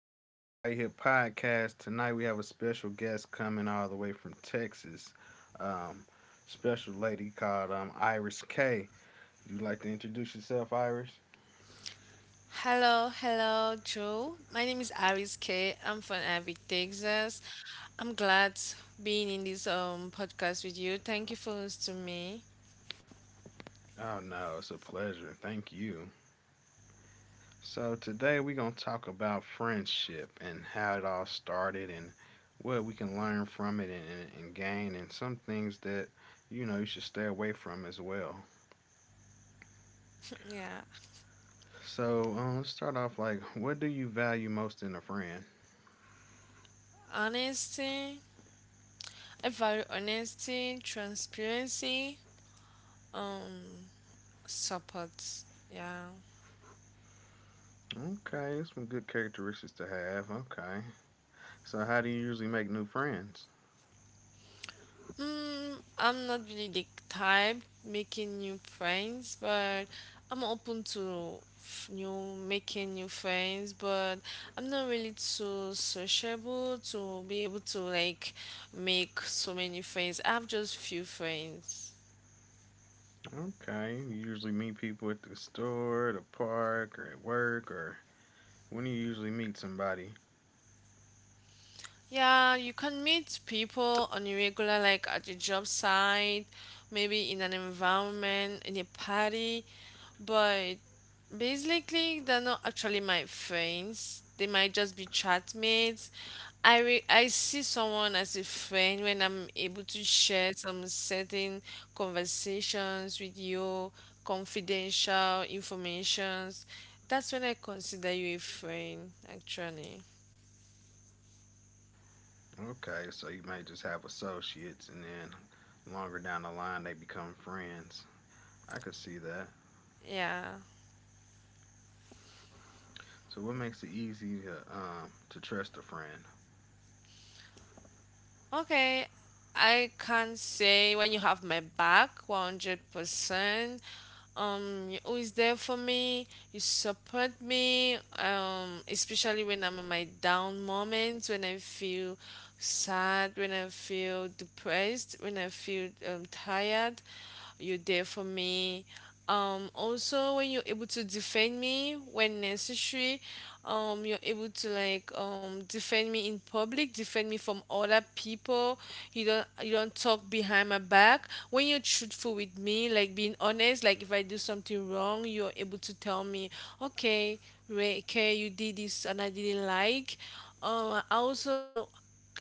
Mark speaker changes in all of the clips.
Speaker 1: tonight at the Right Hip Podcast. Tonight we have a special guest coming all the way from Texas. Um, Special lady called Iris K. Would you like to introduce yourself, Iris?
Speaker 2: Hello, hello, Joe. My name is Aris K. I'm from Abbey, Texas. I'm glad being in this podcast with you. Thank you for hosting me.
Speaker 1: Oh, no, it's a pleasure. Thank you. So, today we're going to talk about friendship and how it all started and what we can learn from it and gain, and some things that you should stay away from as well.
Speaker 2: Yeah,
Speaker 1: So let's start off like, what do you value most in a friend?
Speaker 2: honesty. I value honesty, transparency, um, support. Yeah.
Speaker 1: Okay, some good characteristics to have. Okay, so how do you usually make new friends?
Speaker 2: I'm not really the type making new friends, but I'm open to new making new friends. But I'm not really too sociable to be able to like make so many friends. I have just few friends.
Speaker 1: Okay, you usually meet people at the store, the park, or at work, or when do you usually meet somebody?
Speaker 2: Yeah, you can meet people on a regular, like at your job site, maybe in an environment, in a party, but basically they're not actually my friends. They might just be chat mates. I see someone as a friend when I'm able to share some certain conversations with you, confidential informations. That's when I consider you a friend, actually.
Speaker 1: Okay, so you might just have associates, and then longer down the line they become friends. I could see that.
Speaker 2: Yeah.
Speaker 1: So what makes it easy to trust a friend?
Speaker 2: Okay, I can say when you have my back 100%. You're always there for me. You support me, especially when I'm in my down moments, when I feel sad, when I feel depressed, when I feel tired. You're there for me. Also, when you're able to defend me when necessary, you're able to like defend me in public, defend me from other people. You don't talk behind my back. When you're truthful with me, like being honest, like if I do something wrong, you're able to tell me, okay, Ray, okay, you did this and I didn't like. I also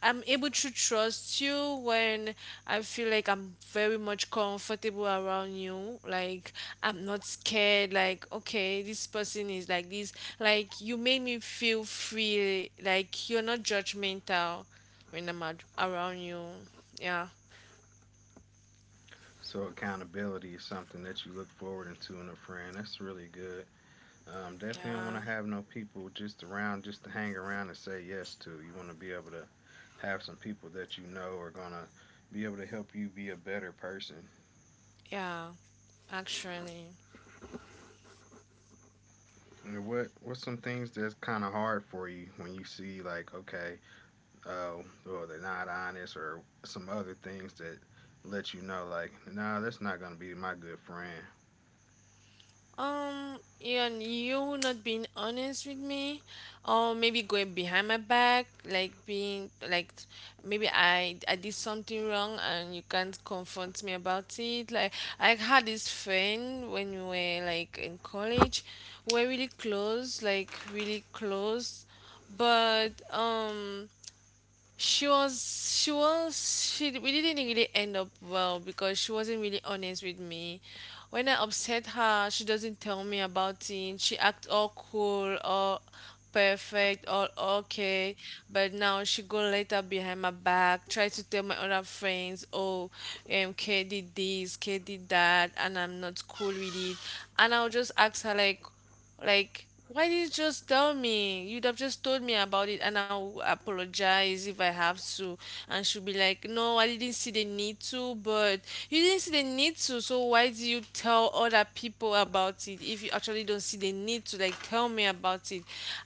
Speaker 2: I'm able to trust you when I feel like I'm very much comfortable around you. Like I'm not scared. Like okay, this person is like this. Like you made me feel free. Like you're not judgmental when I'm around you. Yeah,
Speaker 1: So accountability is something that you look forward into in a friend. That's really good. Definitely don't want
Speaker 2: yeah,
Speaker 1: to have no people just around, just to hang around and say yes to. You want to be able to have some people that you know are gonna be able to help you be a better person.
Speaker 2: yeah. Actually.
Speaker 1: And what's some things that's kind of hard for you when you see like okay, oh, well they're not honest or some other things that let you know like nah that's not gonna be my good friend.
Speaker 2: Um, and you not being honest with me, or maybe going behind my back, like being like maybe I did something wrong and you can't confront me about it. Like I had this friend when we were like in college, we're really close, like really close, but she we didn't really end up well because she wasn't really honest with me when I upset her, she doesn't tell me about it. She act all cool, all perfect, all okay, but now she go later behind my back, try to tell my other friends, oh, K did this, K did that, and I'm not cool with it. And I'll just ask her like, why did you just tell me? You'd have just told me about it and I'll apologize if I have to. And she'll be like, no, I didn't see the need to, but you didn't see the need to, so why do you tell other people about it if you actually don't see the need to? Like, tell me about it.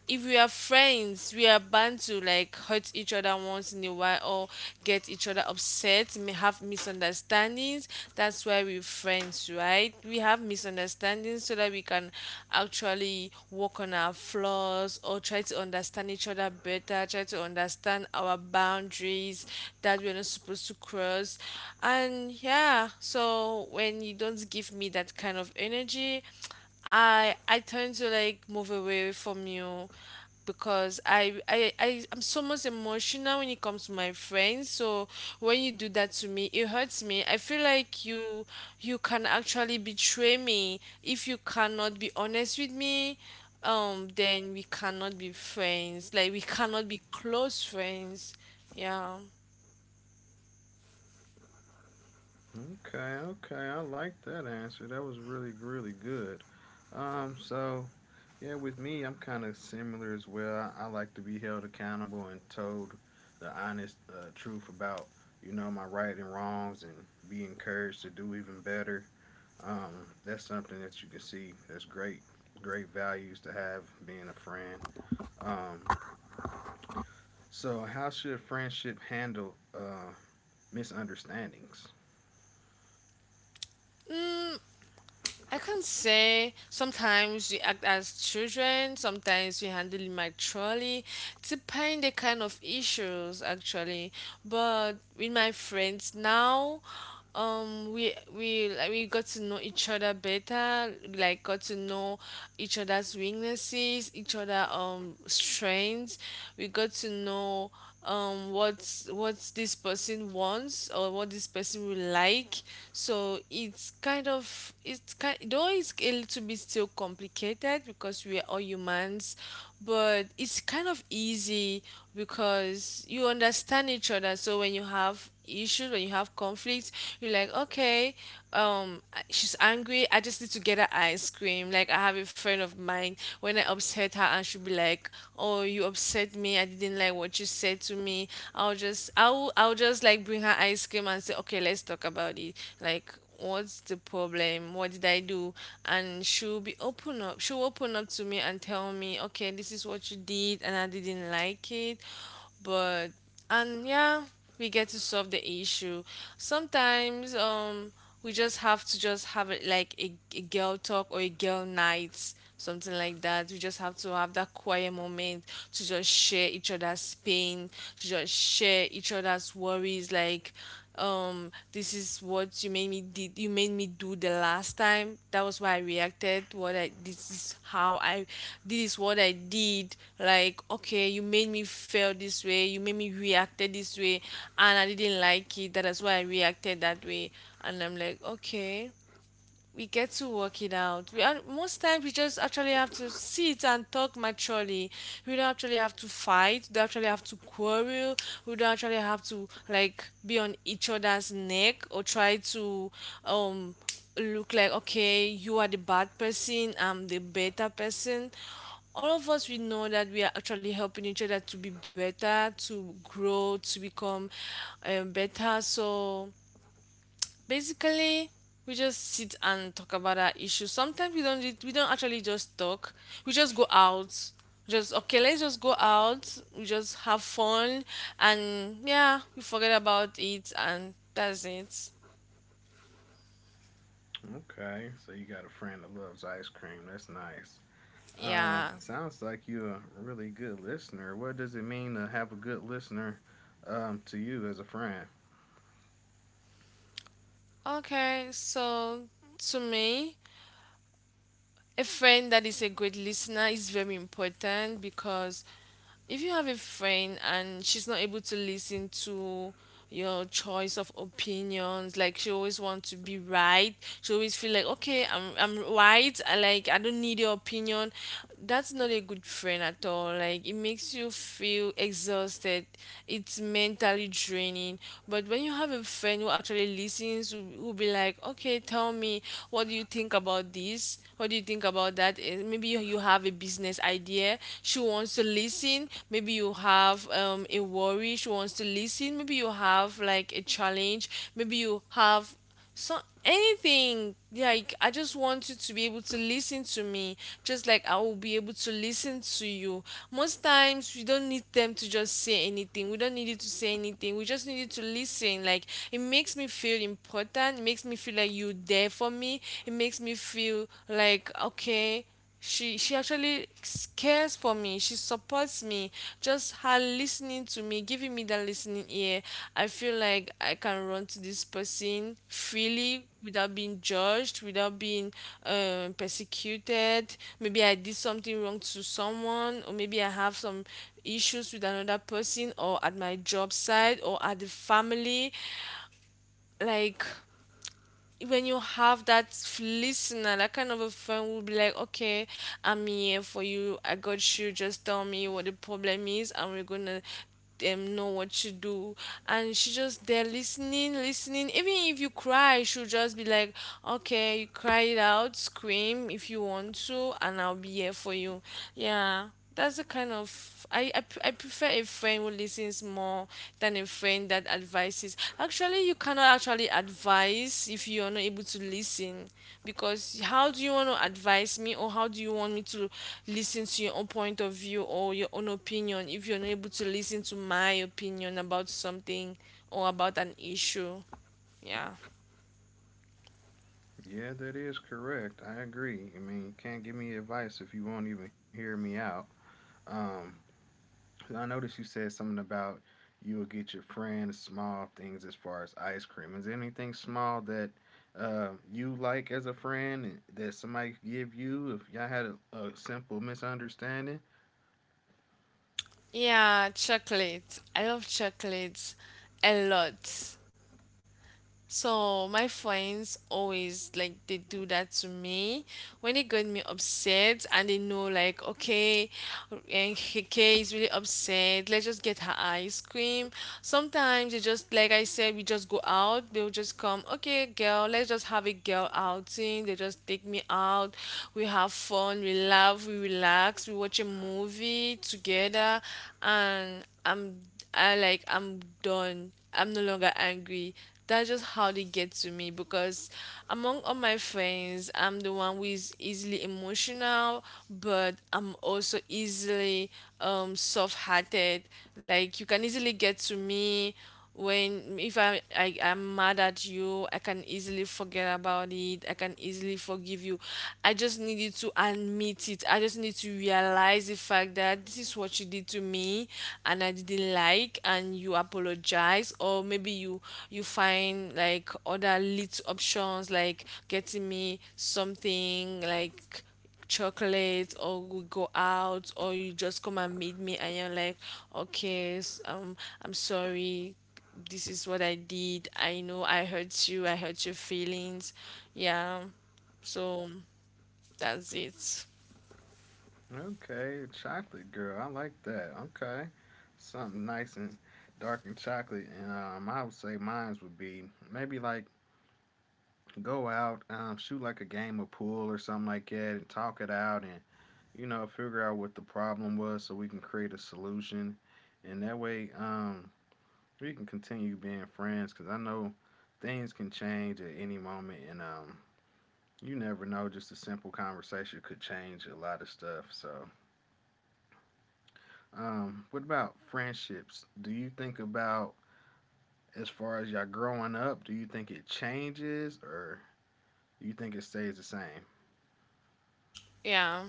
Speaker 2: If we are friends, we are bound to like hurt each other once in a while or get each other upset, may have misunderstandings. That's why we're friends, right? We have misunderstandings so that we can actually work on our flaws or try to understand each other better, try to understand our boundaries that we're not supposed to cross. And yeah, so when you don't give me that kind of energy, I tend to like move away from you because I'm so much emotional when it comes to my friends. So when you do that to me, it hurts me. I feel like you can actually betray me if you cannot be honest with me. Then we cannot be friends. Like we cannot be close friends. Yeah.
Speaker 1: Okay, okay. I like that answer. That was really, really good. So yeah, with me, I'm kind of similar as well. I like to be held accountable and told the honest truth about you know my right and wrongs, and be encouraged to do even better. That's something that you can see. That's great, great values to have being a friend. Um, so how should friendship handle misunderstandings?
Speaker 2: I can say sometimes we act as children, sometimes we handle it maturely, depending the kind of issues actually. But with my friends now, we like, we got to know each other better, like got to know each other's weaknesses, each other strengths. We got to know what's what this person wants or what this person will like, so it's kind of, it's kind though it's a little bit still complicated because we are all humans, but it's kind of easy because you understand each other. So when you have issues, when you have conflicts, you're like, okay, she's angry, I just need to get her ice cream. Like I have a friend of mine, when I upset her, and she'll be like, oh, you upset me, I didn't like what you said to me. I'll just like bring her ice cream and say, okay, let's talk about it. Like, what's the problem? What did I do? And she'll be open up, she'll open up to me and tell me, okay, this is what you did and I didn't like it. But, and yeah, we get to solve the issue. Sometimes we just have to just have it like a girl talk or a girl night, something like that. We just have to have that quiet moment to just share each other's pain, to just share each other's worries. Like this is what you made me did, you made me do the last time, that was why I reacted, what I, this is how I, this is what I did. Like, okay, you made me feel this way, you made me reacted this way, and I didn't like it. That is why I reacted that way. And I'm like, okay, we get to work it out. We are, most times we just actually have to sit and talk maturely. We don't actually have to fight. We don't actually have to quarrel. We don't actually have to like be on each other's neck or try to um look like, okay, you are the bad person, I'm the better person. All of us we know that we are actually helping each other to be better, to grow, to become better. So basically we just sit and talk about our issues. Sometimes we don't actually just talk, we just go out. Just, okay, let's just go out, we just have fun. And yeah, we forget about it, and that's it.
Speaker 1: Okay, so you got a friend that loves ice cream. That's nice.
Speaker 2: Yeah.
Speaker 1: Sounds like you're a really good listener. What does it mean to have a good listener to you as a friend?
Speaker 2: Okay, so to me, a friend that is a great listener is very important because if you have a friend and she's not able to listen to your choice of opinions, like she always wants to be right, she always feel like, okay, I'm right, I like, I don't need your opinion, that's not a good friend at all. Like it makes you feel exhausted, it's mentally draining. But when you have a friend who actually listens, who will be like, okay, tell me, what do you think about this? What do you think about that? Eh, maybe you have a business idea, she wants to listen. Maybe you have a worry, she wants to listen. Maybe you have like a challenge. Maybe you have, so anything, like I just want you to be able to listen to me, just like I will be able to listen to you. Most times we don't need them to just say anything, we don't need you to say anything, we just need you to listen. Like it makes me feel important, it makes me feel like you're there for me. It makes me feel like, okay, she actually cares for me, she supports me. Just her listening to me, giving me that listening ear. I feel like I can run to this person freely without being judged, without being persecuted. Maybe I did something wrong to someone, or maybe I have some issues with another person, or at my job site, or at the family. Like when you have that listener, that kind of a friend will be like, okay, I'm here for you, I got you. Just tell me what the problem is, and we're gonna know what to do. And she just there listening, listening. Even if you cry, she'll just be like, okay, you cry it out, scream if you want to, and I'll be here for you. Yeah. That's a kind of, I prefer a friend who listens more than a friend that advises. Actually, you cannot actually advise if you are not able to listen, because how do you want to advise me, or how do you want me to listen to your own point of view or your own opinion if you're not able to listen to my opinion about something or about an issue? Yeah.
Speaker 1: Yeah, that is correct. I agree. I mean, you can't give me advice if you won't even hear me out. Um, I noticed you said something about you will get your friend small things as far as ice cream. Is there anything small that you like as a friend that somebody could give you if y'all had a simple misunderstanding?
Speaker 2: Yeah, chocolate. I love chocolate a lot. So my friends always, like, they do that to me when they get me upset and they know, like, okay, and K is really upset, let's just get her ice cream. Sometimes they just, like I said, we just go out, they'll just come, okay girl, let's just have a girl outing, they just take me out. We have fun, we laugh, we relax, we watch a movie together, and I'm I like I'm done. I'm no longer angry. That's just how they get to me because among all my friends, I'm the one who is easily emotional, but I'm also easily soft-hearted. Like you can easily get to me when, if I I'm mad at you, I can easily forget about it, I can easily forgive you. I just needed to admit it, I just need to realize the fact that this is what you did to me and I didn't like, and you apologize, or maybe you you find, like, other little options, like getting me something, like chocolate, or we go out, or you just come and meet me and you're like okay, I'm sorry, this is what I did, I know I hurt you, I hurt your feelings. Yeah. So that's it.
Speaker 1: Okay, chocolate girl. I like that. Okay. Something nice and dark and chocolate. And I would say mines would be maybe like go out, shoot like a game of pool or something like that and talk it out and, figure out what the problem was so we can create a solution. And that way we can continue being friends because I know things can change at any moment. And you never know, just a simple conversation could change a lot of stuff. So. What about friendships? Do you think about as far as y'all growing up, do you think it changes or do you think it stays the same?
Speaker 2: Yeah,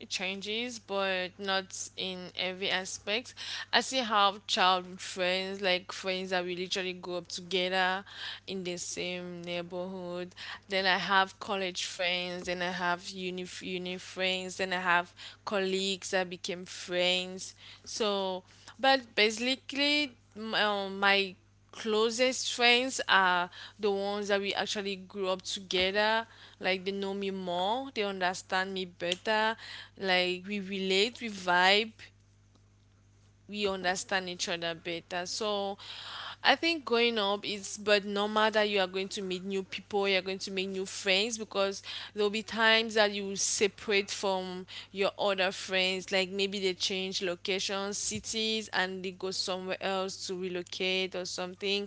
Speaker 2: it changes, but not in every aspect. I see how childhood friends, like friends that we literally grew up together in the same neighborhood, then I have college friends, then I have uni friends, then I have colleagues that became friends. So, but basically, my closest friends are the ones that we actually grew up together. Like they know me more, they understand me better. Like we relate, we vibe, we understand each other better. So I think growing up it's but normal that you are going to meet new people, you're going to make new friends because there'll be times that you will separate from your other friends, like maybe they change locations, cities, and they go somewhere else to relocate or something,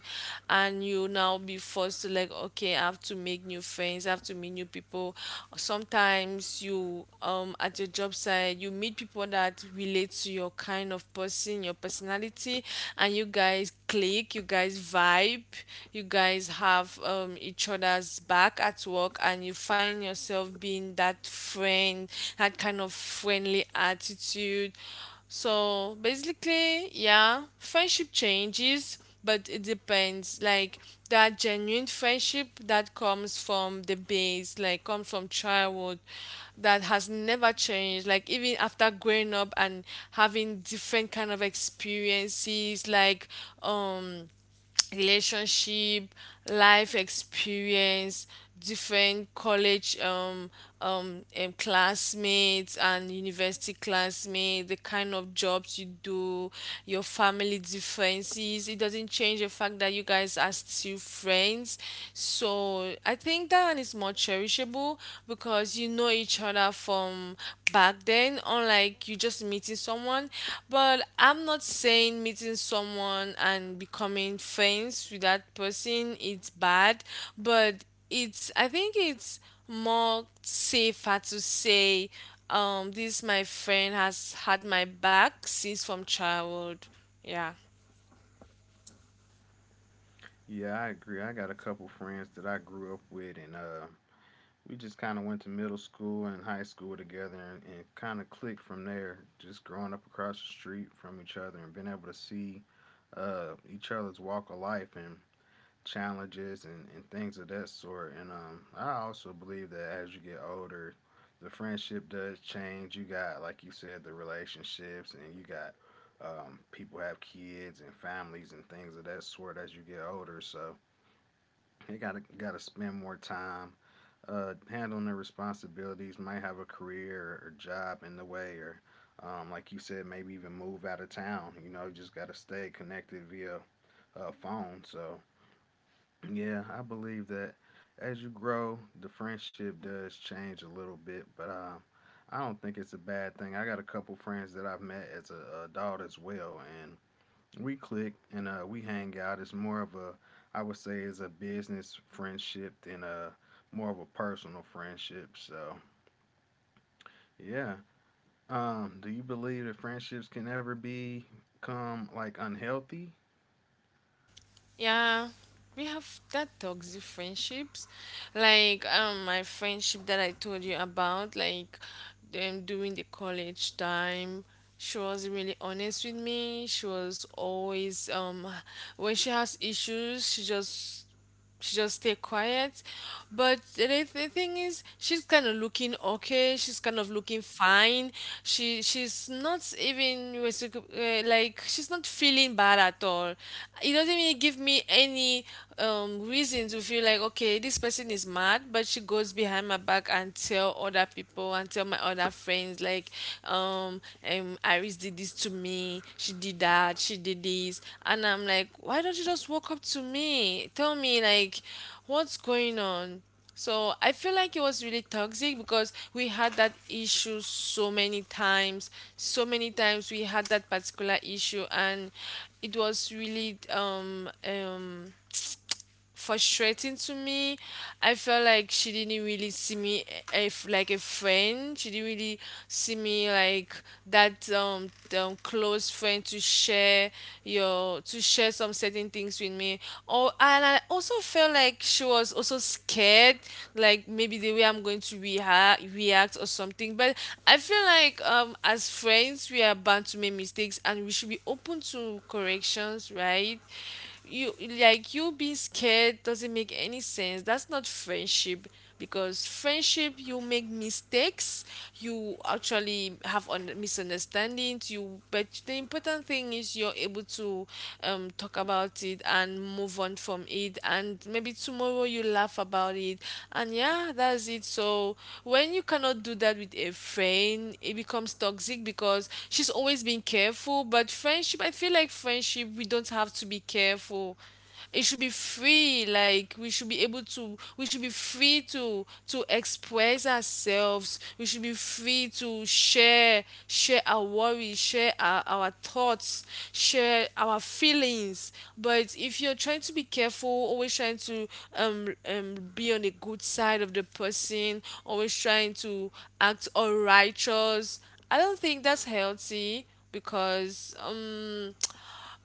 Speaker 2: and you now be forced to, like, okay, I have to make new friends, I have to meet new people. Sometimes you at your the job site, you meet people that relate to your kind of person, your personality, and you guys click, you guys vibe, you guys have, each other's back at work, and you find yourself being that friend, that kind of friendly attitude. So basically, yeah, friendship changes, but it depends. Like that genuine friendship that comes from the base, like comes from childhood, that has never changed. Like even after growing up and having different kind of experiences, like um relationship, life experience, different college, classmates and university classmates, the kind of jobs you do, your family differences. It doesn't change the fact that you guys are still friends. So I think that one is more cherishable because you know each other from back then, unlike you just meeting someone. But I'm not saying meeting someone and becoming friends with that person it's bad, but it's, I think it's more safer to say this my friend has had my back since from childhood. Yeah.
Speaker 1: Yeah, I agree. I got a couple friends that I grew up with and we just kind of went to middle school and high school together and kind of clicked from there, just growing up across the street from each other and being able to see each other's walk of life and challenges and things of that sort. And I also believe that as you get older, the friendship does change. You got, like you said, the relationships, and you got people have kids and families and things of that sort as you get older. So you gotta spend more time handling the responsibilities. Might have a career or job in the way, or like you said, maybe even move out of town. You know, you just gotta stay connected via phone. So yeah, I believe that as you grow, the friendship does change a little bit, but I don't think it's a bad thing. I got a couple friends that I've met as a adult as well, and we click and we hang out. It's more of a, I would say, is a business friendship than a more of a personal friendship. So yeah, do you believe that friendships can ever become like unhealthy?
Speaker 2: Yeah, we have that toxic friendships, like my friendship that I told you about, like them during the college time. She was really honest with me. She was always when she has issues, she just stay quiet. But the thing is, she's kind of looking okay. She's kind of looking fine. She's not even like she's not feeling bad at all. It doesn't really give me any reason to feel like okay, this person is mad. But she goes behind my back and tell other people and tell my other friends like, um, Iris did this to me. She did that. She did this. And I'm like, why don't you just walk up to me? Tell me, like, what's going on? So I feel like it was really toxic because we had that issue so many times. So many times we had that particular issue, and it was really frustrating to me. I felt like she didn't really see me if like a friend. She didn't really see me like that, close friend to share your to share some certain things with me. Or, and I also felt like she was also scared, like maybe the way I'm going to react or something. But I feel like as friends we are bound to make mistakes and we should be open to corrections, right? you Like you being scared doesn't make any sense, that's not friendship, because friendship you make mistakes, you actually have misunderstandings, you but the important thing is you're able to, talk about it and move on from it, and maybe tomorrow you laugh about it, and yeah, that's it. So when you cannot do that with a friend it becomes toxic because she's always been careful. But friendship, I feel like friendship we don't have to be careful. It should be free, like we should be able to, we should be free to express ourselves, we should be free to share, share our worries, share our thoughts, share our feelings. But if you're trying to be careful, always trying to be on the good side of the person, always trying to act all righteous, I don't think that's healthy because,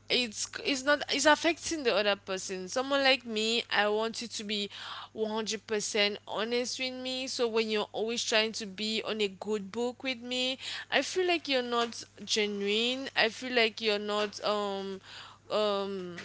Speaker 2: it's not, it's affecting the other person. Someone like me, I want you to be 100% honest with me. So when you're always trying to be on a good book with me, I feel like you're not genuine, I feel like you're not, um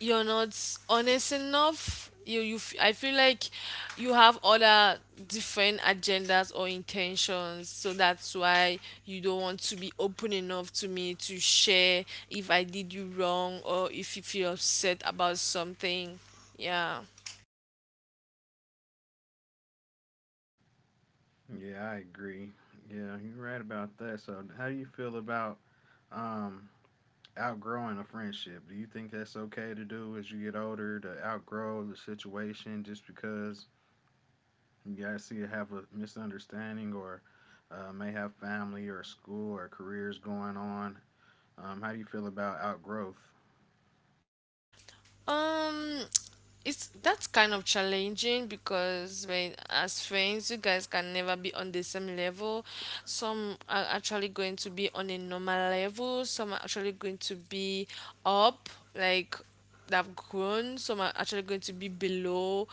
Speaker 2: you're not honest enough. I feel like you have other different agendas or intentions. So that's why you don't want to be open enough to me to share if I did you wrong or if you feel upset about something. Yeah.
Speaker 1: Yeah, I agree. Yeah, you're right about that. So, how do you feel about um, outgrowing a friendship? Do you think that's okay to do as you get older to outgrow the situation just because you guys see you have a misunderstanding or may have family or school or careers going on? How do you feel about outgrowth?
Speaker 2: Um, it's, that's kind of challenging because when as friends, you guys can never be on the same level. Some are actually going to be on a normal level. Some are actually going to be up, like they've grown. Some are actually going to be below.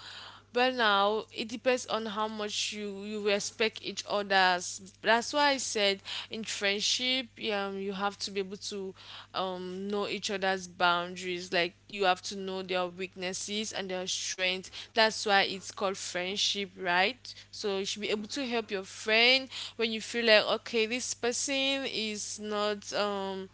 Speaker 2: But now it depends on how much you respect each other's. That's why I said in friendship, you have to be able to know each other's boundaries. Like you have to know their weaknesses and their strengths. That's why it's called friendship, right? So you should be able to help your friend when you feel like okay, this person is not,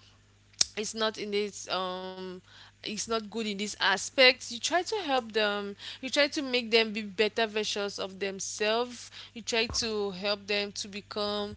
Speaker 2: it's not in this, it's not good in this aspect. You try to help them, you try to make them be better versions of themselves, you try to help them to become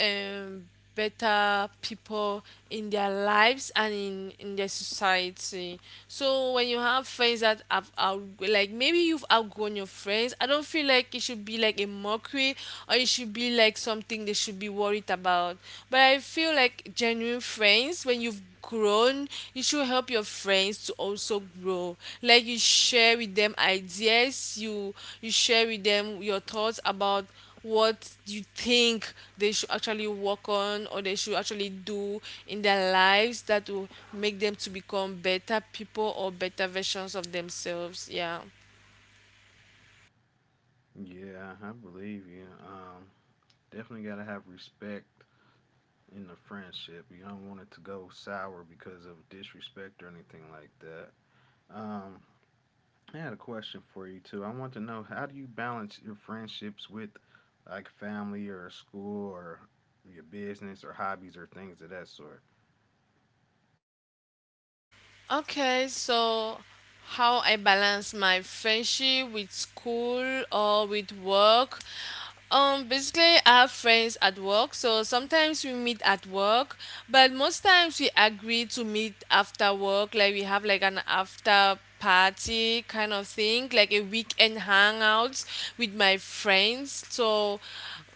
Speaker 2: um better people in their lives and in their society. So when you have friends that have out, like maybe you've outgrown your friends, I don't feel like it should be like a mockery or it should be like something they should be worried about. But I feel like genuine friends, when you've grown, you should help your friends to also grow. Like you share with them ideas, you share with them your thoughts about what you think they should actually work on or they should actually do in their lives that will make them to become better people or better versions of themselves. Yeah.
Speaker 1: Yeah, I believe you. Definitely got to have respect in the friendship. You don't want it to go sour because of disrespect or anything like that. Um, I had a question for you too. I want to know how do you balance your friendships with like family or school or your business or hobbies or things of that sort?
Speaker 2: Okay, so how I balance my friendship with school or with work? Basically, I have friends at work, so sometimes we meet at work, but most times we agree to meet after work. Like we have like an after party kind of thing, like a weekend hangouts with my friends. So,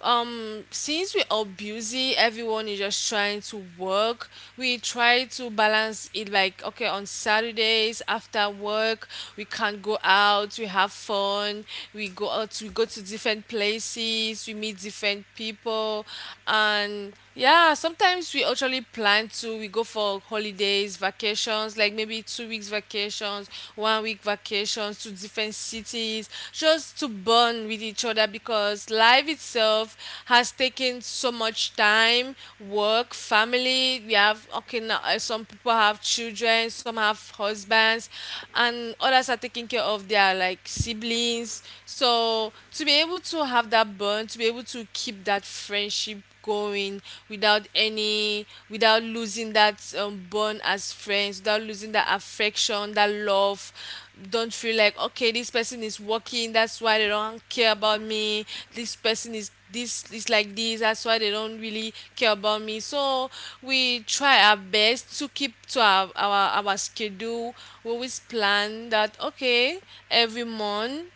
Speaker 2: since we're all busy, everyone is just trying to work. We try to balance it like, okay, on Saturdays after work, we can go out, we have fun, we go out, we go to different places, we meet different people, and yeah, sometimes we actually plan to, we go for holidays vacations, like maybe 2 weeks vacations, 1 week vacations to different cities, just to bond with each other, because life itself has taken so much time. Work, family, we have okay now, some people have children, some have husbands, and others are taking care of their, like, siblings. So to be able to have that bond, to be able to keep that friendship going without any, without losing that, bond as friends, without losing that affection, that love, don't feel like okay, this person is working, that's why they don't care about me, this person is this, is like this, that's why they don't really care about me. So we try our best to keep to our schedule. We always plan that okay, every month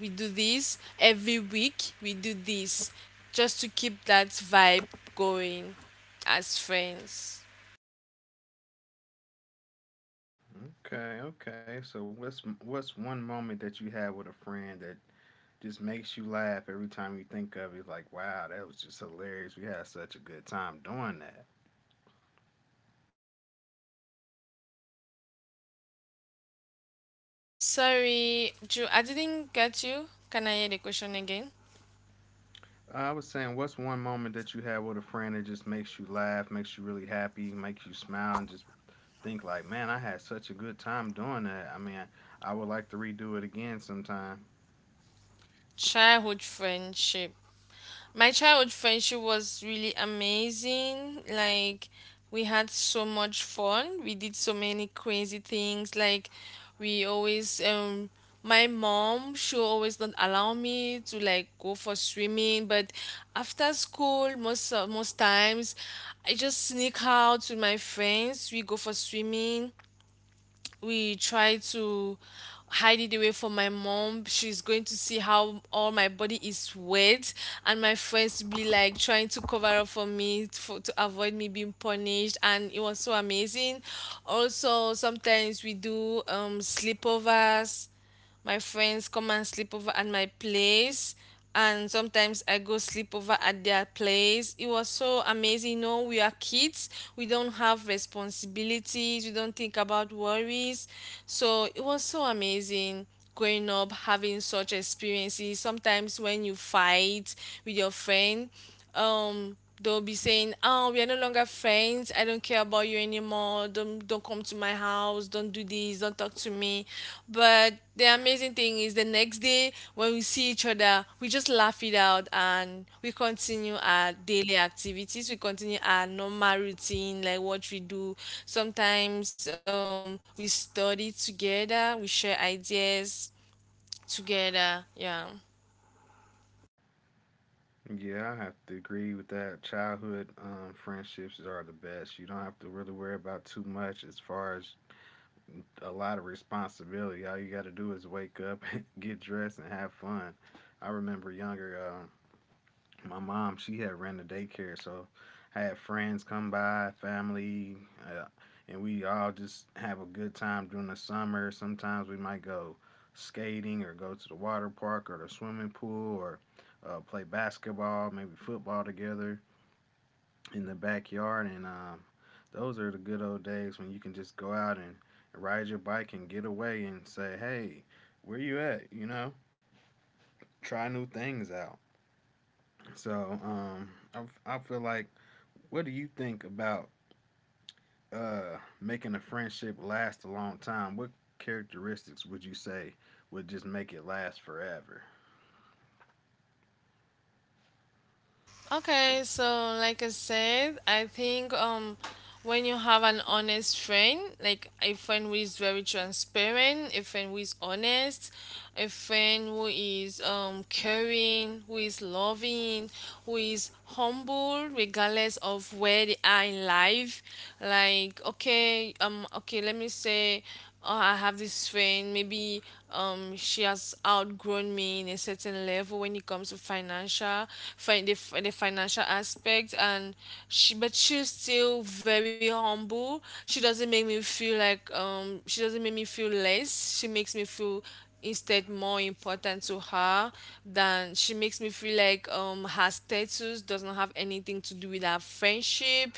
Speaker 2: we do this, every week we do this, just to keep that vibe going as friends.
Speaker 1: Okay, okay. So what's one moment that you had with a friend that just makes you laugh every time you think of it? Like, wow, that was just hilarious. We had such a good time doing that.
Speaker 2: Sorry Ju, I didn't get you, can I hear the question again?
Speaker 1: I was saying, what's one moment that you had with a friend that just makes you laugh, makes you really happy, makes you smile, and just think like, man, I had such a good time doing that. I mean, I would like to redo it again sometime.
Speaker 2: Childhood friendship. My childhood friendship was really amazing. Like we had so much fun. We did so many crazy things. Like we always my mom, she always not allow me to like go for swimming, but after school, most times I just sneak out with my friends, we go for swimming. We try to hide it away from my mom. She's going to see how all my body is wet, and my friends be like trying to cover up for me to avoid me being punished. And it was so amazing. Also, sometimes we do sleepovers, my friends come and sleep over at my place, and sometimes I go sleep over at their place. It was so amazing. No, we are kids, we don't have responsibilities, we don't think about worries. So it was so amazing growing up having such experiences. Sometimes when you fight with your friend, um they'll be saying, oh, we are no longer friends, I don't care about you anymore, don't come to my house, don't do this, don't talk to me. But the amazing thing is the next day when we see each other, we just laugh it out and we continue our daily activities, we continue our normal routine like what we do. Sometimes we study together, we share ideas together, yeah.
Speaker 1: Yeah, I have to agree with that. Childhood friendships are the best. You don't have to really worry about too much as far as a lot of responsibility. All you got to do is wake up, get dressed, and have fun. I remember younger, my mom she had ran the daycare so I had friends come by family uh, and we all just have a good time during the summer sometimes we might go skating or go to the water park or the swimming pool or play basketball maybe football together in the backyard and those are the good old days when you can just go out and ride your bike and get away and say hey where you at you know try new things out so I, I feel like what do you think about making a friendship last a long time? What characteristics would you say would just make it last forever?
Speaker 2: Okay, so like I said, I think when you have an honest friend, like a friend who is very transparent, a friend who is honest, a friend who is caring, who is loving, who is humble regardless of where they are in life. Like okay, let me say, I have this friend, maybe she has outgrown me in a certain level when it comes to financial, the financial aspect, and but she's still very humble. She doesn't make me feel like she doesn't make me feel less. She makes me feel instead more important to her, than she makes me feel like her status does not have anything to do with our friendship.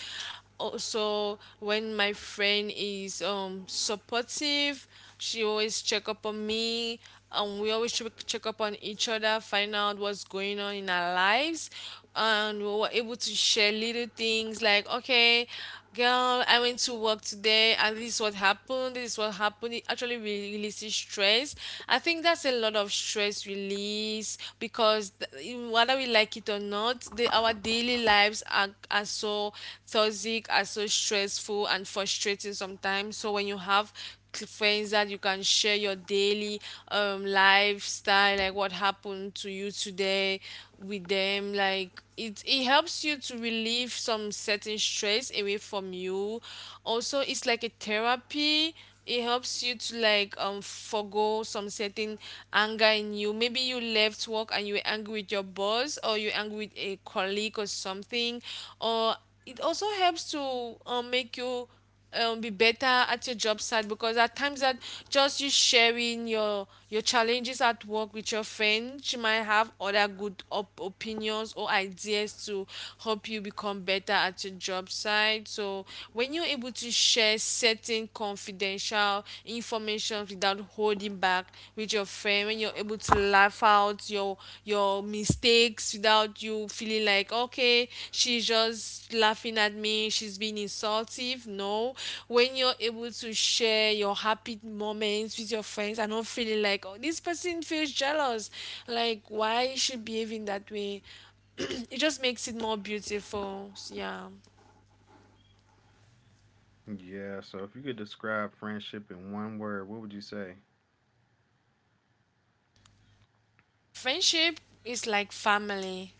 Speaker 2: Also, when my friend is supportive, she always check up on me. We always check up on each other, find out what's going on in our lives, and we were able to share little things like, okay, girl, I went to work today, and this is what happened. This is what happened. It actually releases stress. I think that's a lot of stress release because whether we like it or not, our daily lives are so toxic, are so stressful and frustrating sometimes. So when you have friends that you can share your daily lifestyle, like what happened to you today, with them, like it helps you to relieve some certain stress away from you. Also, it's like a therapy, it helps you to like forgo some certain anger in you. Maybe you left work and you were angry with your boss, or you're angry with a colleague or something, or it also helps to make you be better at your job site, because at times that just you sharing your challenges at work with your friend, she might have other good opinions or ideas to help you become better at your job site. So when you're able to share certain confidential information without holding back with your friend, when you're able to laugh out your mistakes without you feeling like okay, she's just laughing at me, she's being insultive, no. When you're able to share your happy moments with your friends and not feeling like, oh, this person feels jealous, like why is she behaving that way, it just makes it more beautiful, yeah.
Speaker 1: Yeah, so if you could describe friendship in one word, what would you say?
Speaker 2: Friendship is like family.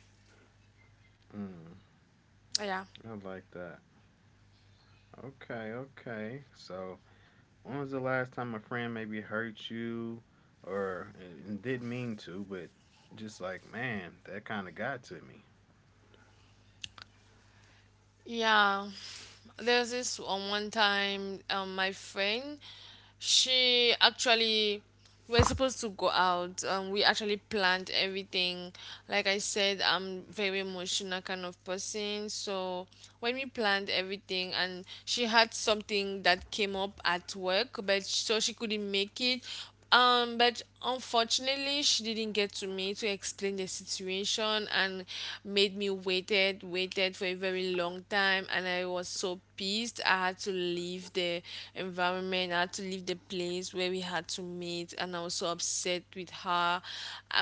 Speaker 1: Mm,
Speaker 2: Yeah.
Speaker 1: I like that. Okay, okay. So, when was the last time a friend maybe hurt you or and didn't mean to, but just like, man, that kind of got to me?
Speaker 2: Yeah, there's this one time, my friend, she actually, we're supposed to go out. We actually planned everything. Like I said, I'm very emotional kind of person. So when we planned everything, and she had something that came up at work, but so she couldn't make it. But unfortunately, she didn't get to me to explain the situation, and made me waited for a very long time, and I was so pissed. I had to leave the environment. I had to leave the place where we had to meet, and I was so upset with her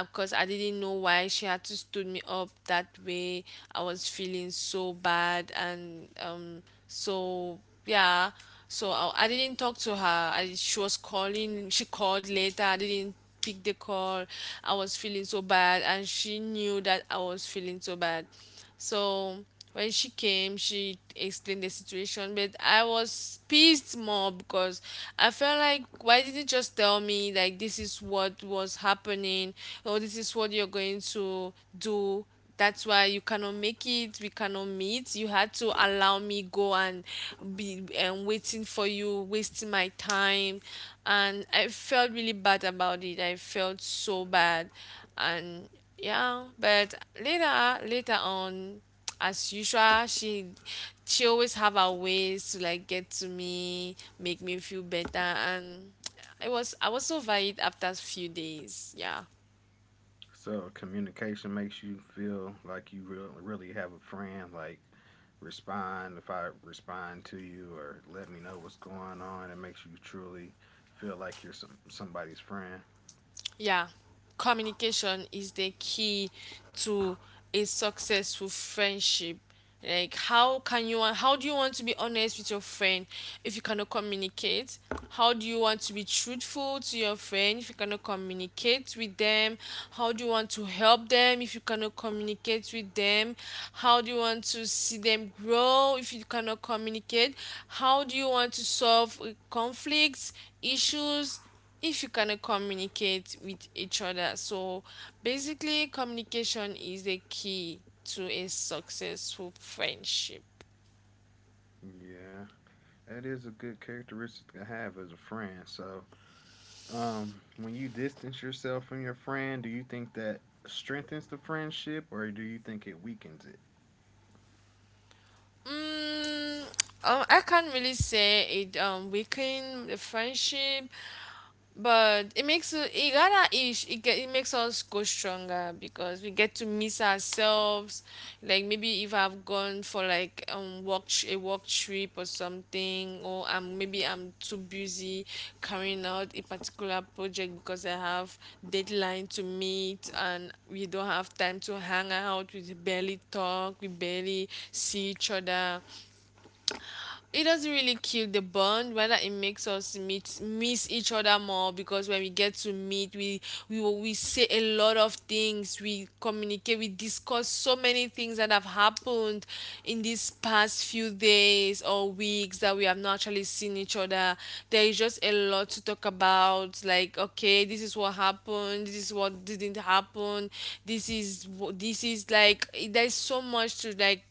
Speaker 2: because I didn't know why she had to stood me up that way. I was feeling so bad, and so yeah. So I didn't talk to her. She was calling. She called later. I didn't pick the call. I was feeling so bad, and she knew that I was feeling so bad. So when she came, she explained the situation, but I was pissed more because I felt like, why didn't you just tell me like, this is what was happening, or this is what you're going to do? That's why you cannot make it, we cannot meet. You had to allow me go and be, and waiting for you, wasting my time. And I felt really bad about it, I felt so bad, and yeah. But later on, as usual, she always have her ways to like get to me, make me feel better, and I was over it after a few days, yeah.
Speaker 1: So communication makes you feel like you real, really have a friend. Like respond if I respond to you or let me know what's going on. It makes you truly feel like you're some, somebody's friend.
Speaker 2: Yeah, communication is the key to a successful friendship. Like, how do you want to be honest with your friend if you cannot communicate? How do you want to be truthful to your friend if you cannot communicate with them? How do you want to help them if you cannot communicate with them? How do you want to see them grow if you cannot communicate? How do you want to solve conflicts, issues, if you cannot communicate with each other? So basically, communication is the key to a successful friendship.
Speaker 1: Yeah, that is a good characteristic to have as a friend. So when you distance yourself from your friend, do you think that strengthens the friendship or do you think it weakens it?
Speaker 2: Mm, I can't really say it weaken the friendship, but it makes it, it gotta ish it get it makes us go stronger because we get to miss ourselves. Like maybe if I've gone for like a work trip or something, or I'm maybe I'm too busy carrying out a particular project because I have deadline to meet, and we don't have time to hang out, we barely talk, we barely see each other, it doesn't really kill the bond. Rather, it makes us meet miss each other more, because when we get to meet, we say a lot of things, we communicate, we discuss so many things that have happened in these past few days or weeks that we have not actually seen each other. There is just a lot to talk about, like okay, this is what happened, this is what didn't happen, this is like there's so much to like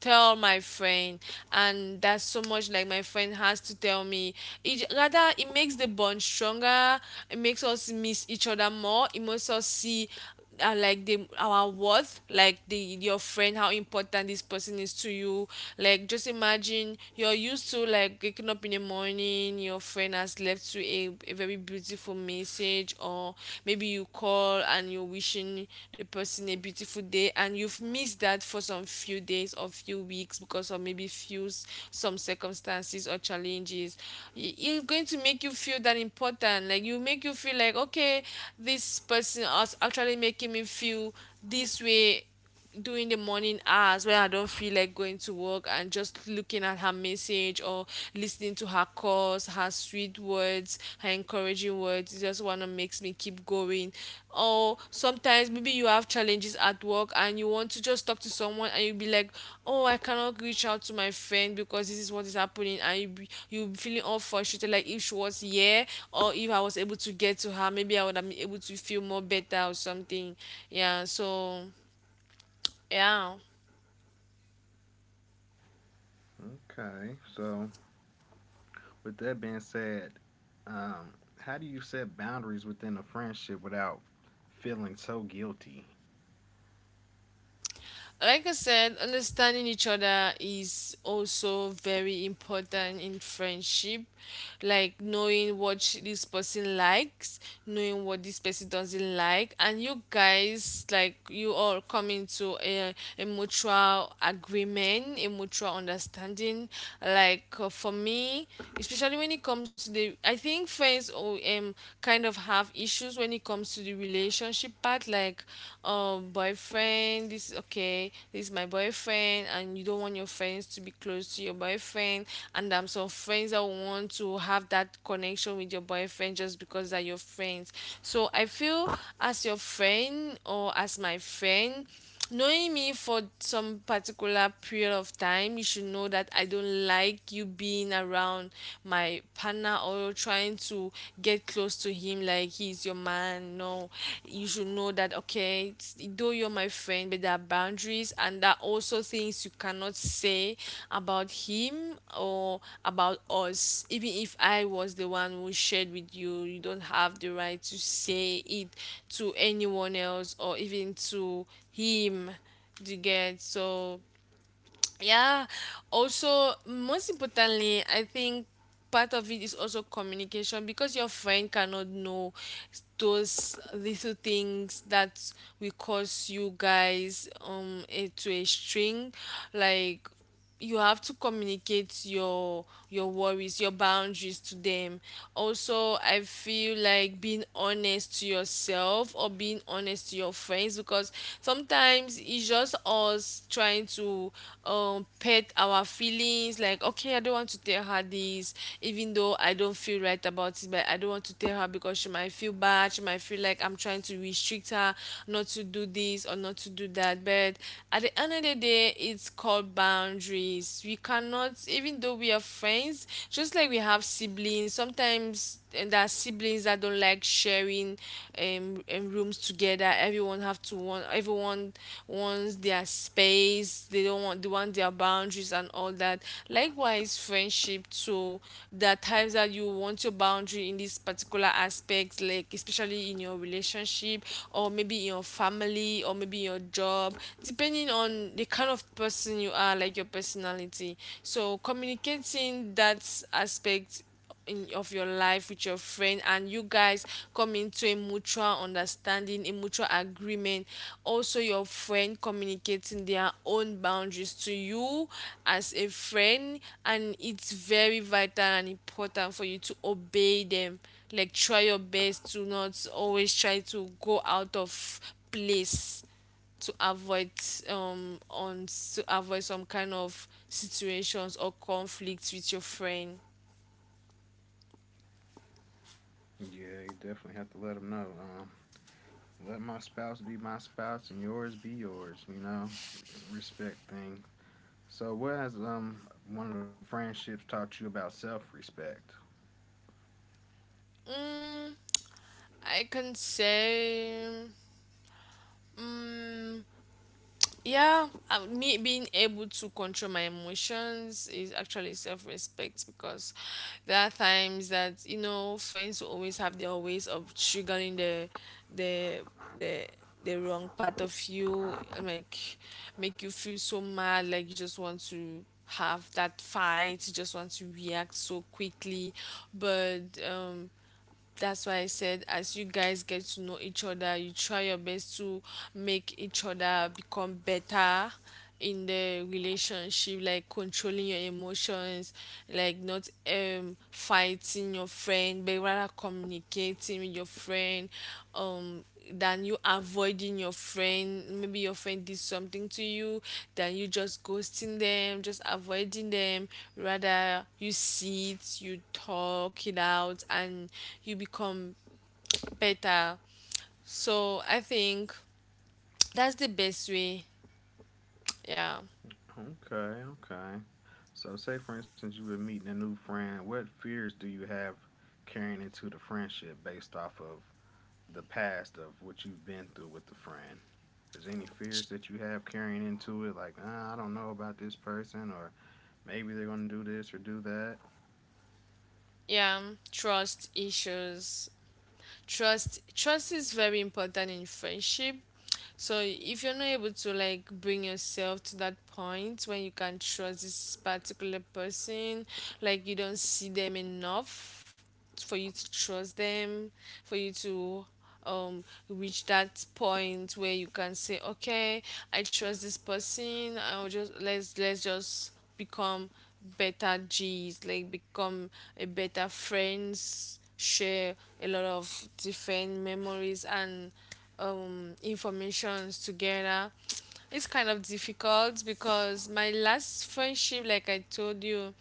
Speaker 2: tell my friend, and that's so much like my friend has to tell me. It rather it makes the bond stronger, it makes us miss each other more, it makes us see, like the our worth, like the your friend, how important this person is to you. Like just imagine you're used to like waking up in the morning, your friend has left you a very beautiful message, or maybe you call and you're wishing the person a beautiful day, and you've missed that for some few days or few weeks because of maybe some circumstances or challenges. It's going to make you feel that important, like you make you feel like, okay, this person is actually making me feel this way during the morning hours when I don't feel like going to work, and just looking at her message or listening to her calls, her sweet words, her encouraging words, it's just one that makes me keep going. Or sometimes maybe you have challenges at work and you want to just talk to someone, and you'll be like, oh, I cannot reach out to my friend because this is what is happening, and you'll be feeling all frustrated, like if she was here, or if I was able to get to her, maybe I would have been able to feel more better or something. Yeah, so yeah.
Speaker 1: Okay, so with that being said, um, how do you set boundaries within a friendship without feeling so guilty?
Speaker 2: Like I said, understanding each other is also very important in friendship. Like knowing what this person likes, knowing what this person doesn't like, and you guys, like you all come into a mutual agreement, a mutual understanding. Like for me, especially when it comes to I think friends kind of have issues when it comes to the relationship part, like boyfriend. This is okay, this is my boyfriend, and you don't want your friends to be close to your boyfriend, and some friends that want to have that connection with your boyfriend just because they're your friends. So I feel, as your friend or as my friend, knowing me for some particular period of time, you should know that I don't like you being around my partner or trying to get close to him like he's your man. No, you should know that, okay, it's- though you're my friend, but there are boundaries and there are also things you cannot say about him or about us. Even if I was the one who shared with you, you don't have the right to say it to anyone else or even to him to get so, yeah. Also, most importantly, I think part of it is also communication, because your friend cannot know those little things that will cause you guys to a string. Like, you have to communicate your worries, your boundaries to them. Also, I feel like being honest to yourself or being honest to your friends, because sometimes it's just us trying to pet our feelings. Like, okay, I don't want to tell her this, even though I don't feel right about it, but I don't want to tell her because she might feel bad, she might feel like I'm trying to restrict her not to do this or not to do that. But at the end of the day, where it's called boundaries. We cannot, even though we are friends, just like we have siblings, sometimes there are siblings that don't like sharing rooms together. Everyone have to want, everyone wants their space. They don't want, they want their boundaries and all that. Likewise, friendship. So there are times that you want your boundary in this particular aspect, like especially in your relationship, or maybe in your family, or maybe in your job, depending on the kind of person you are, like your personality. So communicating that aspect in, of your life with your friend, and you guys come into a mutual understanding, a mutual agreement. Also, your friend communicating their own boundaries to you as a friend, and it's very vital and important for you to obey them. Like, try your best to not always try to go out of place to avoid on to avoid some kind of situations or conflicts with your friend.
Speaker 1: Yeah, you definitely have to let them know. Let my spouse be my spouse and yours be yours. You know, it's a respect thing. So, what has one of the friendships taught you about self-respect?
Speaker 2: I can say, yeah, me being able to control my emotions is actually self-respect, because there are times that, you know, friends will always have their ways of triggering the the the wrong part of you. Like, make you feel so mad, like you just want to have that fight, you just want to react so quickly, but um that's why I said, as you guys get to know each other, you try your best to make each other become better in the relationship, like controlling your emotions, like not fighting your friend, but rather communicating with your friend, um than you avoiding your friend. Maybe your friend did something to you, than you just ghosting them, just avoiding them, rather you sit, you talk it out, and you become better. So I think that's the best way. Yeah.
Speaker 1: Okay, okay. So, say for instance you were meeting a new friend. What fears do you have carrying into the friendship based off of the past of what you've been through with the friend. Is there any fears that you have carrying into it? Like, ah, I don't know about this person, or maybe they're going to do this or do that.
Speaker 2: Yeah, trust issues. Trust is very important in friendship. So if you're not able to, like, bring yourself to that point when you can trust this particular person, like you don't see them enough for you to trust them, for you to um reach that point where you can say, okay, I trust this person, I'll just, let's just become better g's, like become a better friends, share a lot of different memories and informations together. It's kind of difficult, because my last friendship, like I told you,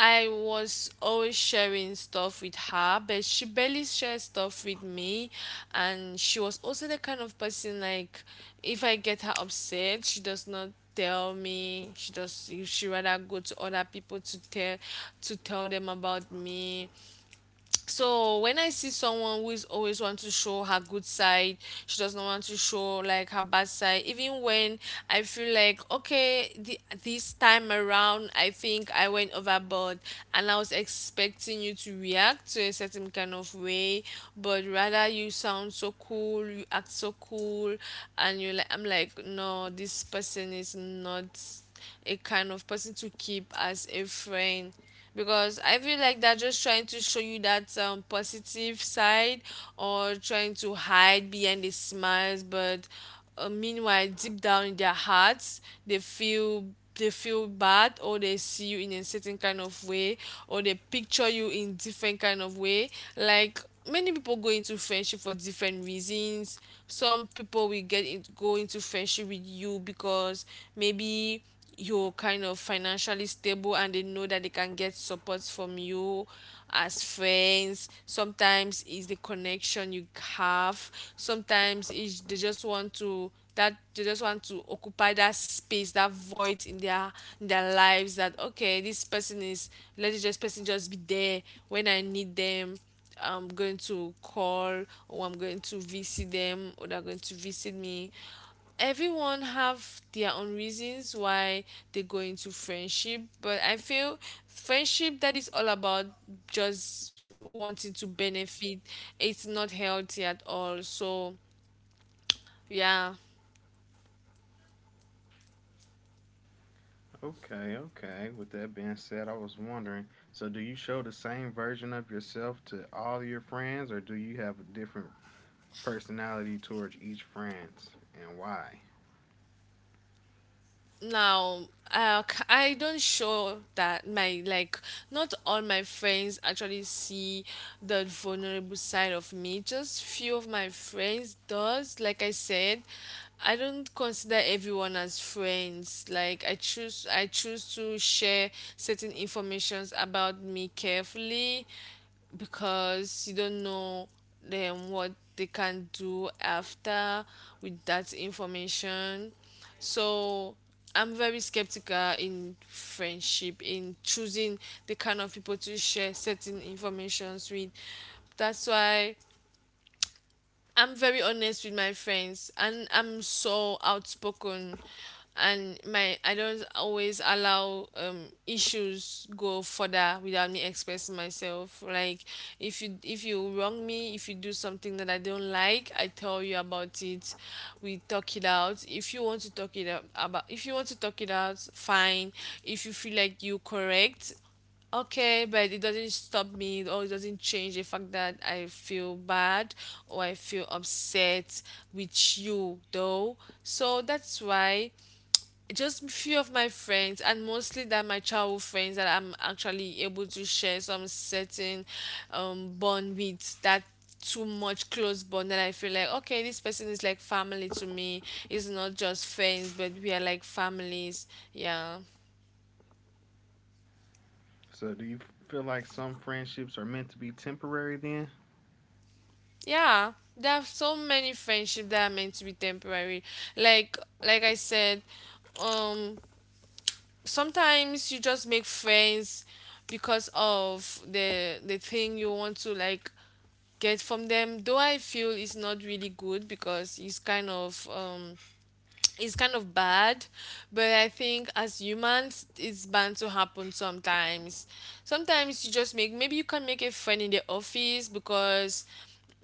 Speaker 2: I was always sharing stuff with her, but she barely shared stuff with me. And she was also the kind of person like, if I get her upset, she does not tell me. She does. She rather go to other people to tell them about me. So when I see someone who is always want to show her good side, she does not want to show like her bad side, even when I feel like, okay, this time around I think I went overboard, and I was expecting you to react to a certain kind of way, but rather you sound so cool, you act so cool, and you're like, I'm like, no, this person is not, is a kind of person to keep as a friend. Because I feel like they're just trying to show you that positive side, or trying to hide behind the smiles, but meanwhile, deep down in their hearts, they feel, they feel bad, or they see you in a certain kind of way, or they picture you in different kind of way. Like, many people go into friendship for different reasons. Some people will get in, go into friendship with you because maybe you're kind of financially stable and they know that they can get support from you. As friends, sometimes it's the connection you have, sometimes it's, they just want to, that they just want to occupy that space, that void in their, in their lives, that, okay, this person is, let this just person just be there. When I need them, I'm going to call, or I'm going to visit them, or they're going to visit me. Everyone have their own reasons why they go into friendship, but I feel friendship that is all about just wanting to benefit, it's not healthy at all. So yeah.
Speaker 1: Okay, okay. With that being said, I was wondering so, do you show the same version of yourself to all your friends, or do you have a different personality towards each friend, and why?
Speaker 2: Now, I don't show that my, like, not all my friends actually see the vulnerable side of me, just few of my friends does. Like I said, I don't consider everyone as friends, like I choose to share certain informations about me carefully, because you don't know them, what they can do after with that information. So I'm very skeptical in friendship, in choosing the kind of people to share certain informations with. That's why I'm very honest with my friends and I'm so outspoken, and my, I don't always allow issues go further without me expressing myself. Like, if you wrong me, if you do something that I don't like, I tell you about it. We talk it out. If you want to talk it out about, if you want to talk it out, fine. If you feel like you correct, okay, but it doesn't stop me, or it doesn't change the fact that I feel bad, or I feel upset with you though. So that's why just few of my friends, and mostly that my childhood friends that I'm actually able to share some certain bond with, that too much close bond that I feel like, okay, this person is like family to me. It's not just friends, but we are like families. Yeah.
Speaker 1: So, do you feel like some friendships are meant to be temporary then?
Speaker 2: Yeah, there are so many friendships that are meant to be temporary. Like I said, um sometimes you just make friends because of the thing you want to, like, get from them. Though I feel it's not really good because it's kind of bad, but I think as humans, it's bound to happen sometimes. Sometimes you just make, maybe you can make a friend in the office because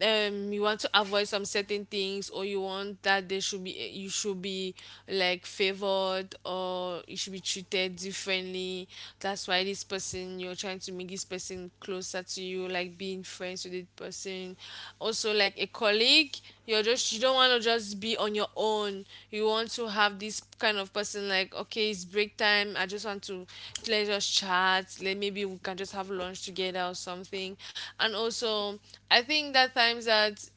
Speaker 2: you want to avoid some certain things, or you want that they should be, you should be like favored, or you should be treated differently. That's why this person, you're trying to make this person closer to you, like being friends with this person. Also like a colleague, you're just, you don't want to just be on your own, you want to have this kind of person, like, okay, it's break time, I just want to, let's just chat, let, maybe we can just have lunch together or something. And also, I think that times that,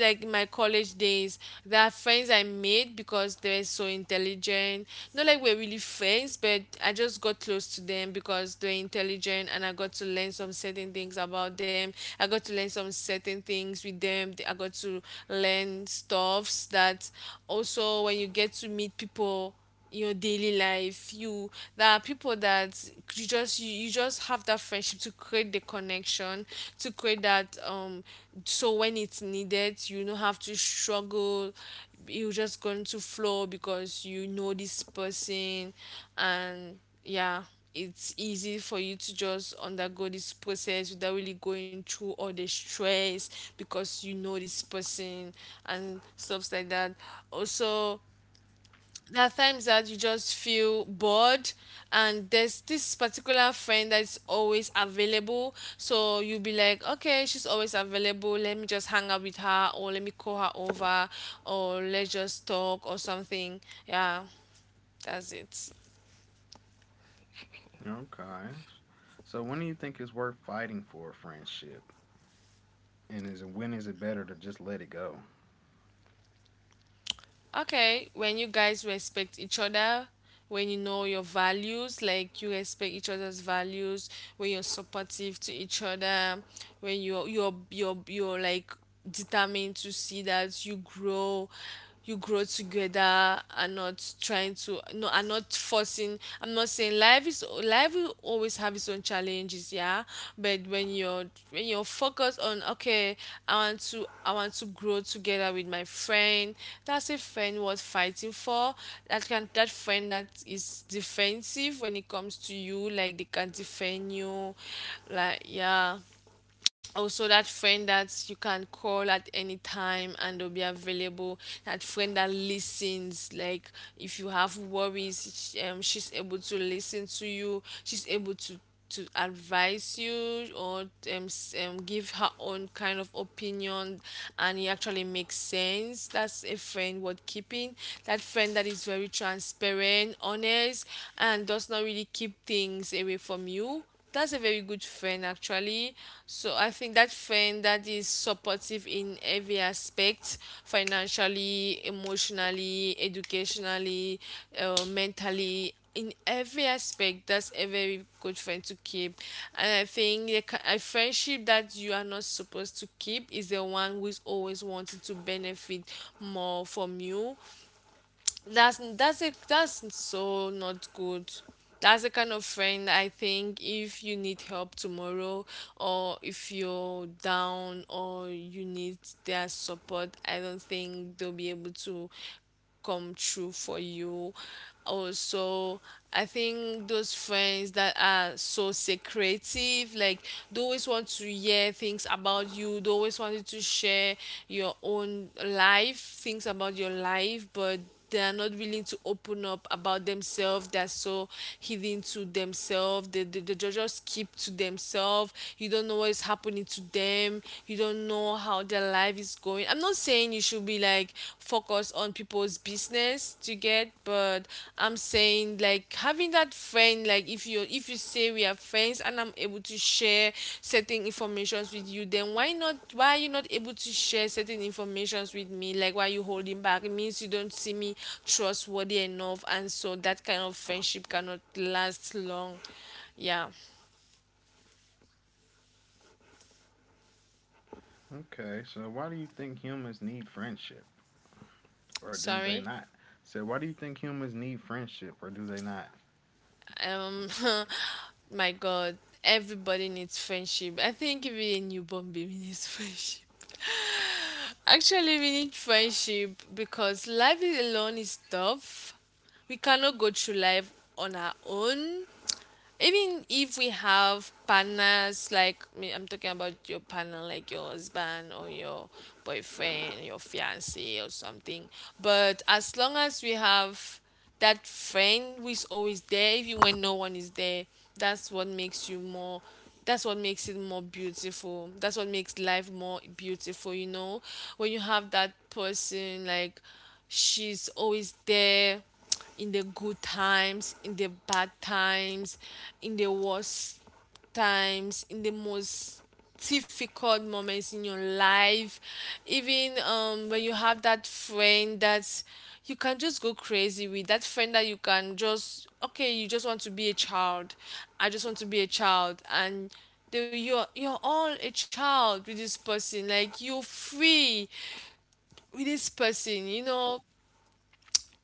Speaker 2: like in my college days, there are friends I made because they're so intelligent. Not like we're really friends, but I just got close to them because they're intelligent, and I got to learn some certain things about them. I got to learn some certain things with them. I got to learn stuffs that also when you get to meet people in your daily life, you there are people that you just you just have that friendship to create the connection, to create that so when it's needed. You don't have to struggle, you're just going to flow because you know this person. And yeah, it's easy for you to just undergo this process without really going through all the stress because you know this person and stuff like that. Also, there are times that you just feel bored, and there's this particular friend that's always available, so you'll be like, okay, she's always available, let me just hang out with her, or let me call her over, or let's just talk or something. Yeah, that's it.
Speaker 1: Okay. So, when do you think it's worth fighting for a friendship? And is when is it better to just let it go?
Speaker 2: Okay, when you guys respect each other, when you know your values, like you respect each other's values, when you're supportive to each other, when you're like determined to see that you grow together and not trying to no and not forcing. I'm not was saying life is life will always have its own challenges, yeah. But when you're, when you're focused on, okay, I want to grow together with my friend, that's a friend worth fighting for. That friend that is defensive when it comes to you, like they can defend you, like, yeah. Also, that friend that you can call at any time and they'll be available, that friend that listens, like if you have worries, she's able to listen to you, she's able to advise you, or give her own kind of opinion and it actually makes sense, that's a friend worth keeping. That friend that is very transparent, honest, and does not really keep things away from you, that's a very good friend, actually. So I think that friend that is supportive in every aspect, financially, emotionally, educationally, mentally, in every aspect, that's a very good friend to keep. And I think the a friendship that you are not supposed to keep is the one who is always wanting to benefit more from you. That's so not good. That's the kind of friend, I think if you need help tomorrow, or if you're down or you need their support, I don't think they'll be able to come true for you. Also, I think those friends that are so secretive, like they always want to hear things about you, they always want you to share your own life, things about your life, but they are not willing to open up about themselves. They're so hidden to themselves, they just keep to themselves. You don't know what is happening to them, you don't know how their life is going. I'm not saying you should be like focused on people's business to get, but I'm saying, like, having that friend, like if you say we are friends and I'm able to share certain informations with you, then why not? Why are you not able to share certain informations with me? Like, why are you holding back? It means you don't see me trustworthy enough, and so that kind of friendship cannot last long. Yeah.
Speaker 1: Okay, so why do you think humans need friendship, or do they
Speaker 2: Sorry.
Speaker 1: not? So why do you think humans need friendship, or do they not?
Speaker 2: um my god, everybody needs friendship. I think even a newborn baby needs friendship. Actually, we need friendship because alone is tough. We cannot go through life on our own, even if we have partners. Like me, I'm talking about your partner, like your husband or your boyfriend, your fiance or something. But as long as we have that friend who is always there, even when no one is there, that's what makes you more that's what makes it more beautiful, that's what makes life more beautiful, you know, when you have that person, like, she's always there, in the good times, in the bad times, in the worst times, in the most difficult moments in your life, even when you have that friend that you can just go crazy with, that friend that you can just, okay, you just want to be a child. I just want to be a child. And you're all a child with this person. Like, you're free with this person, you know,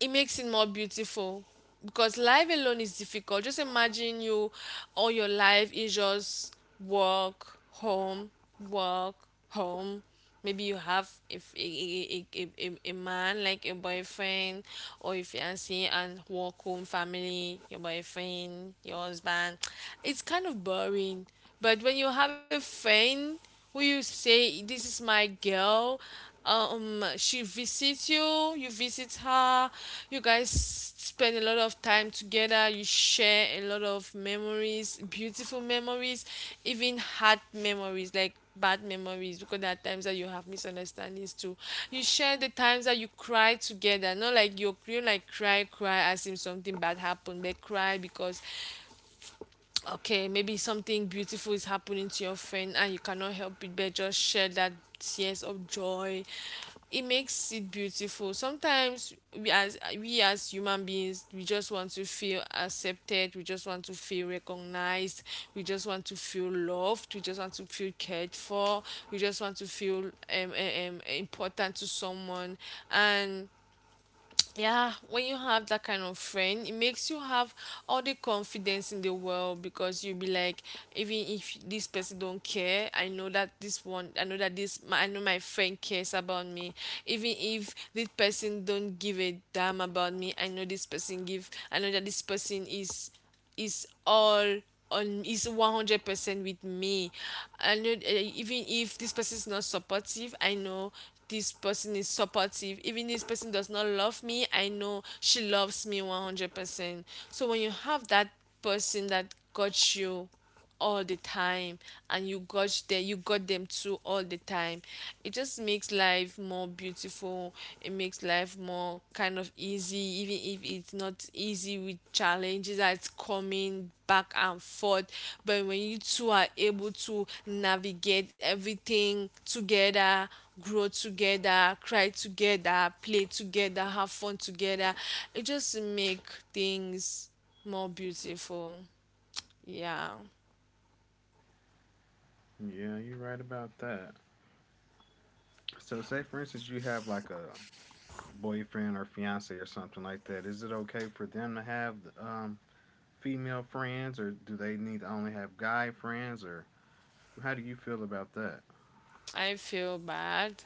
Speaker 2: it makes it more beautiful, because life alone is difficult. Just imagine, you, all your life is just work, home, work, home. Maybe you have, if a man, like a boyfriend or a fiance, and work, home, family, your boyfriend, your husband. It's kind of boring. But when you have a friend, will you say, this is my girl? She visits you, you visit her, you guys spend a lot of time together, you share a lot of memories, beautiful memories, even hard memories, like bad memories, because there are times that you have misunderstandings too. You share the times that you cry together, not like you like cry, cry as if something bad happened, but cry because, okay, maybe something beautiful is happening to your friend and you cannot help it but just share that, tears of joy. It makes it beautiful. Sometimes we, as human beings, we just want to feel accepted, we just want to feel recognized, we just want to feel loved, we just want to feel cared for, we just want to feel um important to someone. And yeah, when you have that kind of friend, it makes you have all the confidence in the world, because you'll be like, even if this person don't care, I know that this one, I know that I know my friend cares about me. Even if this person don't give a damn about me, I know I know that this person is all on is 100% with me. I know, even if this person is not supportive, I know this person is supportive. Even this person does not love me, I know she loves me 100%. So when you have that person that got you all the time, and you got them, too, all the time, it just makes life more beautiful, it makes life more kind of easy, even if it's not easy, with challenges that's coming back and forth. But when you two are able to navigate everything together, grow together, cry together, play together, have fun together, it just make things more beautiful. Yeah.
Speaker 1: Yeah, you're right about that. So say for instance you have like a boyfriend or fiance or something like that. Is it okay for them to have um, female friends, or do they need to only have guy friends, or how do you feel about that?
Speaker 2: I feel bad.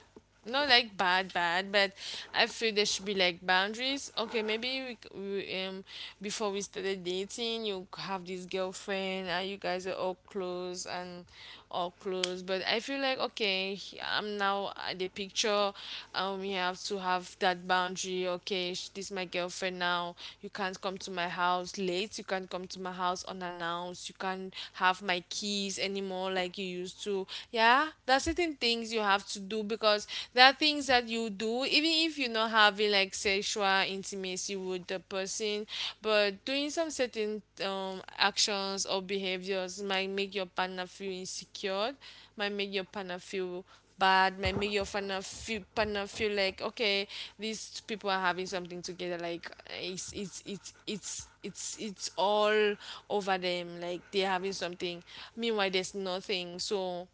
Speaker 2: Not like bad, bad, but I feel there should be like boundaries. Okay, maybe we, c- we before we started dating, you have this girlfriend and you guys are all close and all close. But I feel like, okay, I'm now at the picture. We have to have that boundary. Okay, this is my girlfriend now. You can't come to my house late. You can't come to my house unannounced. You can't have my keys anymore like you used to. Yeah, are there are certain things you have to do, because there are things that you do even if you're not having like sexual intimacy with the person, but doing some certain actions or behaviors might make your partner feel insecure, might make your partner feel bad, might make your partner feel like, okay, these people are having something together, like it's all over them, like they're having something, meanwhile there's nothing. So,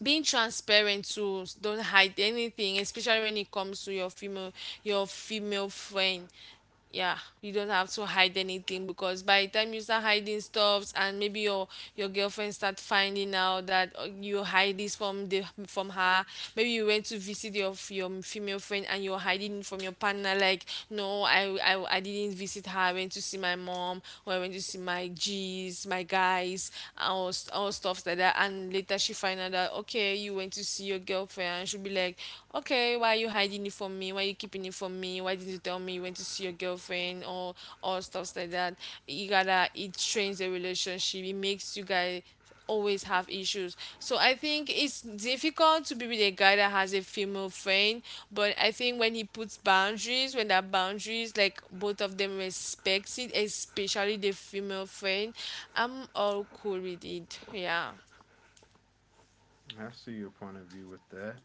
Speaker 2: being transparent too, don't hide anything, especially when it comes to your female, your female friend. Yeah, you don't have to hide anything, because by the time you start hiding stuffs, and maybe your girlfriend start finding out that you hide this from the from her, maybe you went to visit your your female friend and you're hiding it from your partner, like, no, I didn't visit her, I went to see my mom, or I went to see my g's, my guys, or, or stuff like that, and later, later she find out that, okay, you went to see your girlfriend, and she'll be like, okay, why are you hiding it from me, why are you keeping it from me, why didn't you tell me you went to see your girlfriend, or stuff like that. You gotta, it strains the relationship, it makes you guys always have issues, so I think it's difficult to be with a guy that has a female friend. But I think when he puts boundaries, when that boundaries, like both of them respects it, especially the female friend, I'm all cool with it. Yeah.
Speaker 1: I see your point of view with that.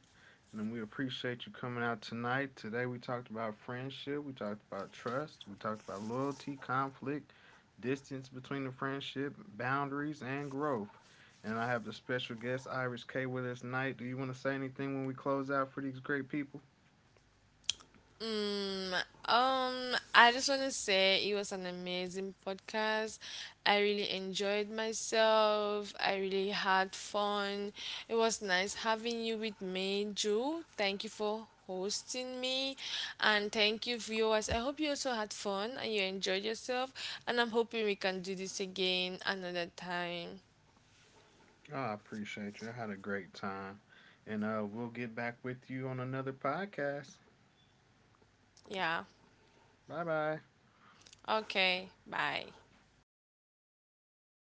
Speaker 1: And we appreciate you coming out tonight. Today we talked about friendship, we talked about trust, we talked about loyalty, conflict, distance between the friendship, boundaries, and growth. And I have the special guest Iris K with us tonight. Do you want to say anything when we close out for these great people?
Speaker 2: I just want to say it was an amazing podcast. I really enjoyed myself, I really had fun. It was nice having you with me, Drew. Thank you for hosting me. And thank you, viewers. I hope you also had fun and you enjoyed yourself. And I'm hoping we can do this again another time.
Speaker 1: Oh, I appreciate you. I had a great time. And we'll get back with you on another podcast.
Speaker 2: Yeah.
Speaker 1: Bye bye.
Speaker 2: Okay. Bye.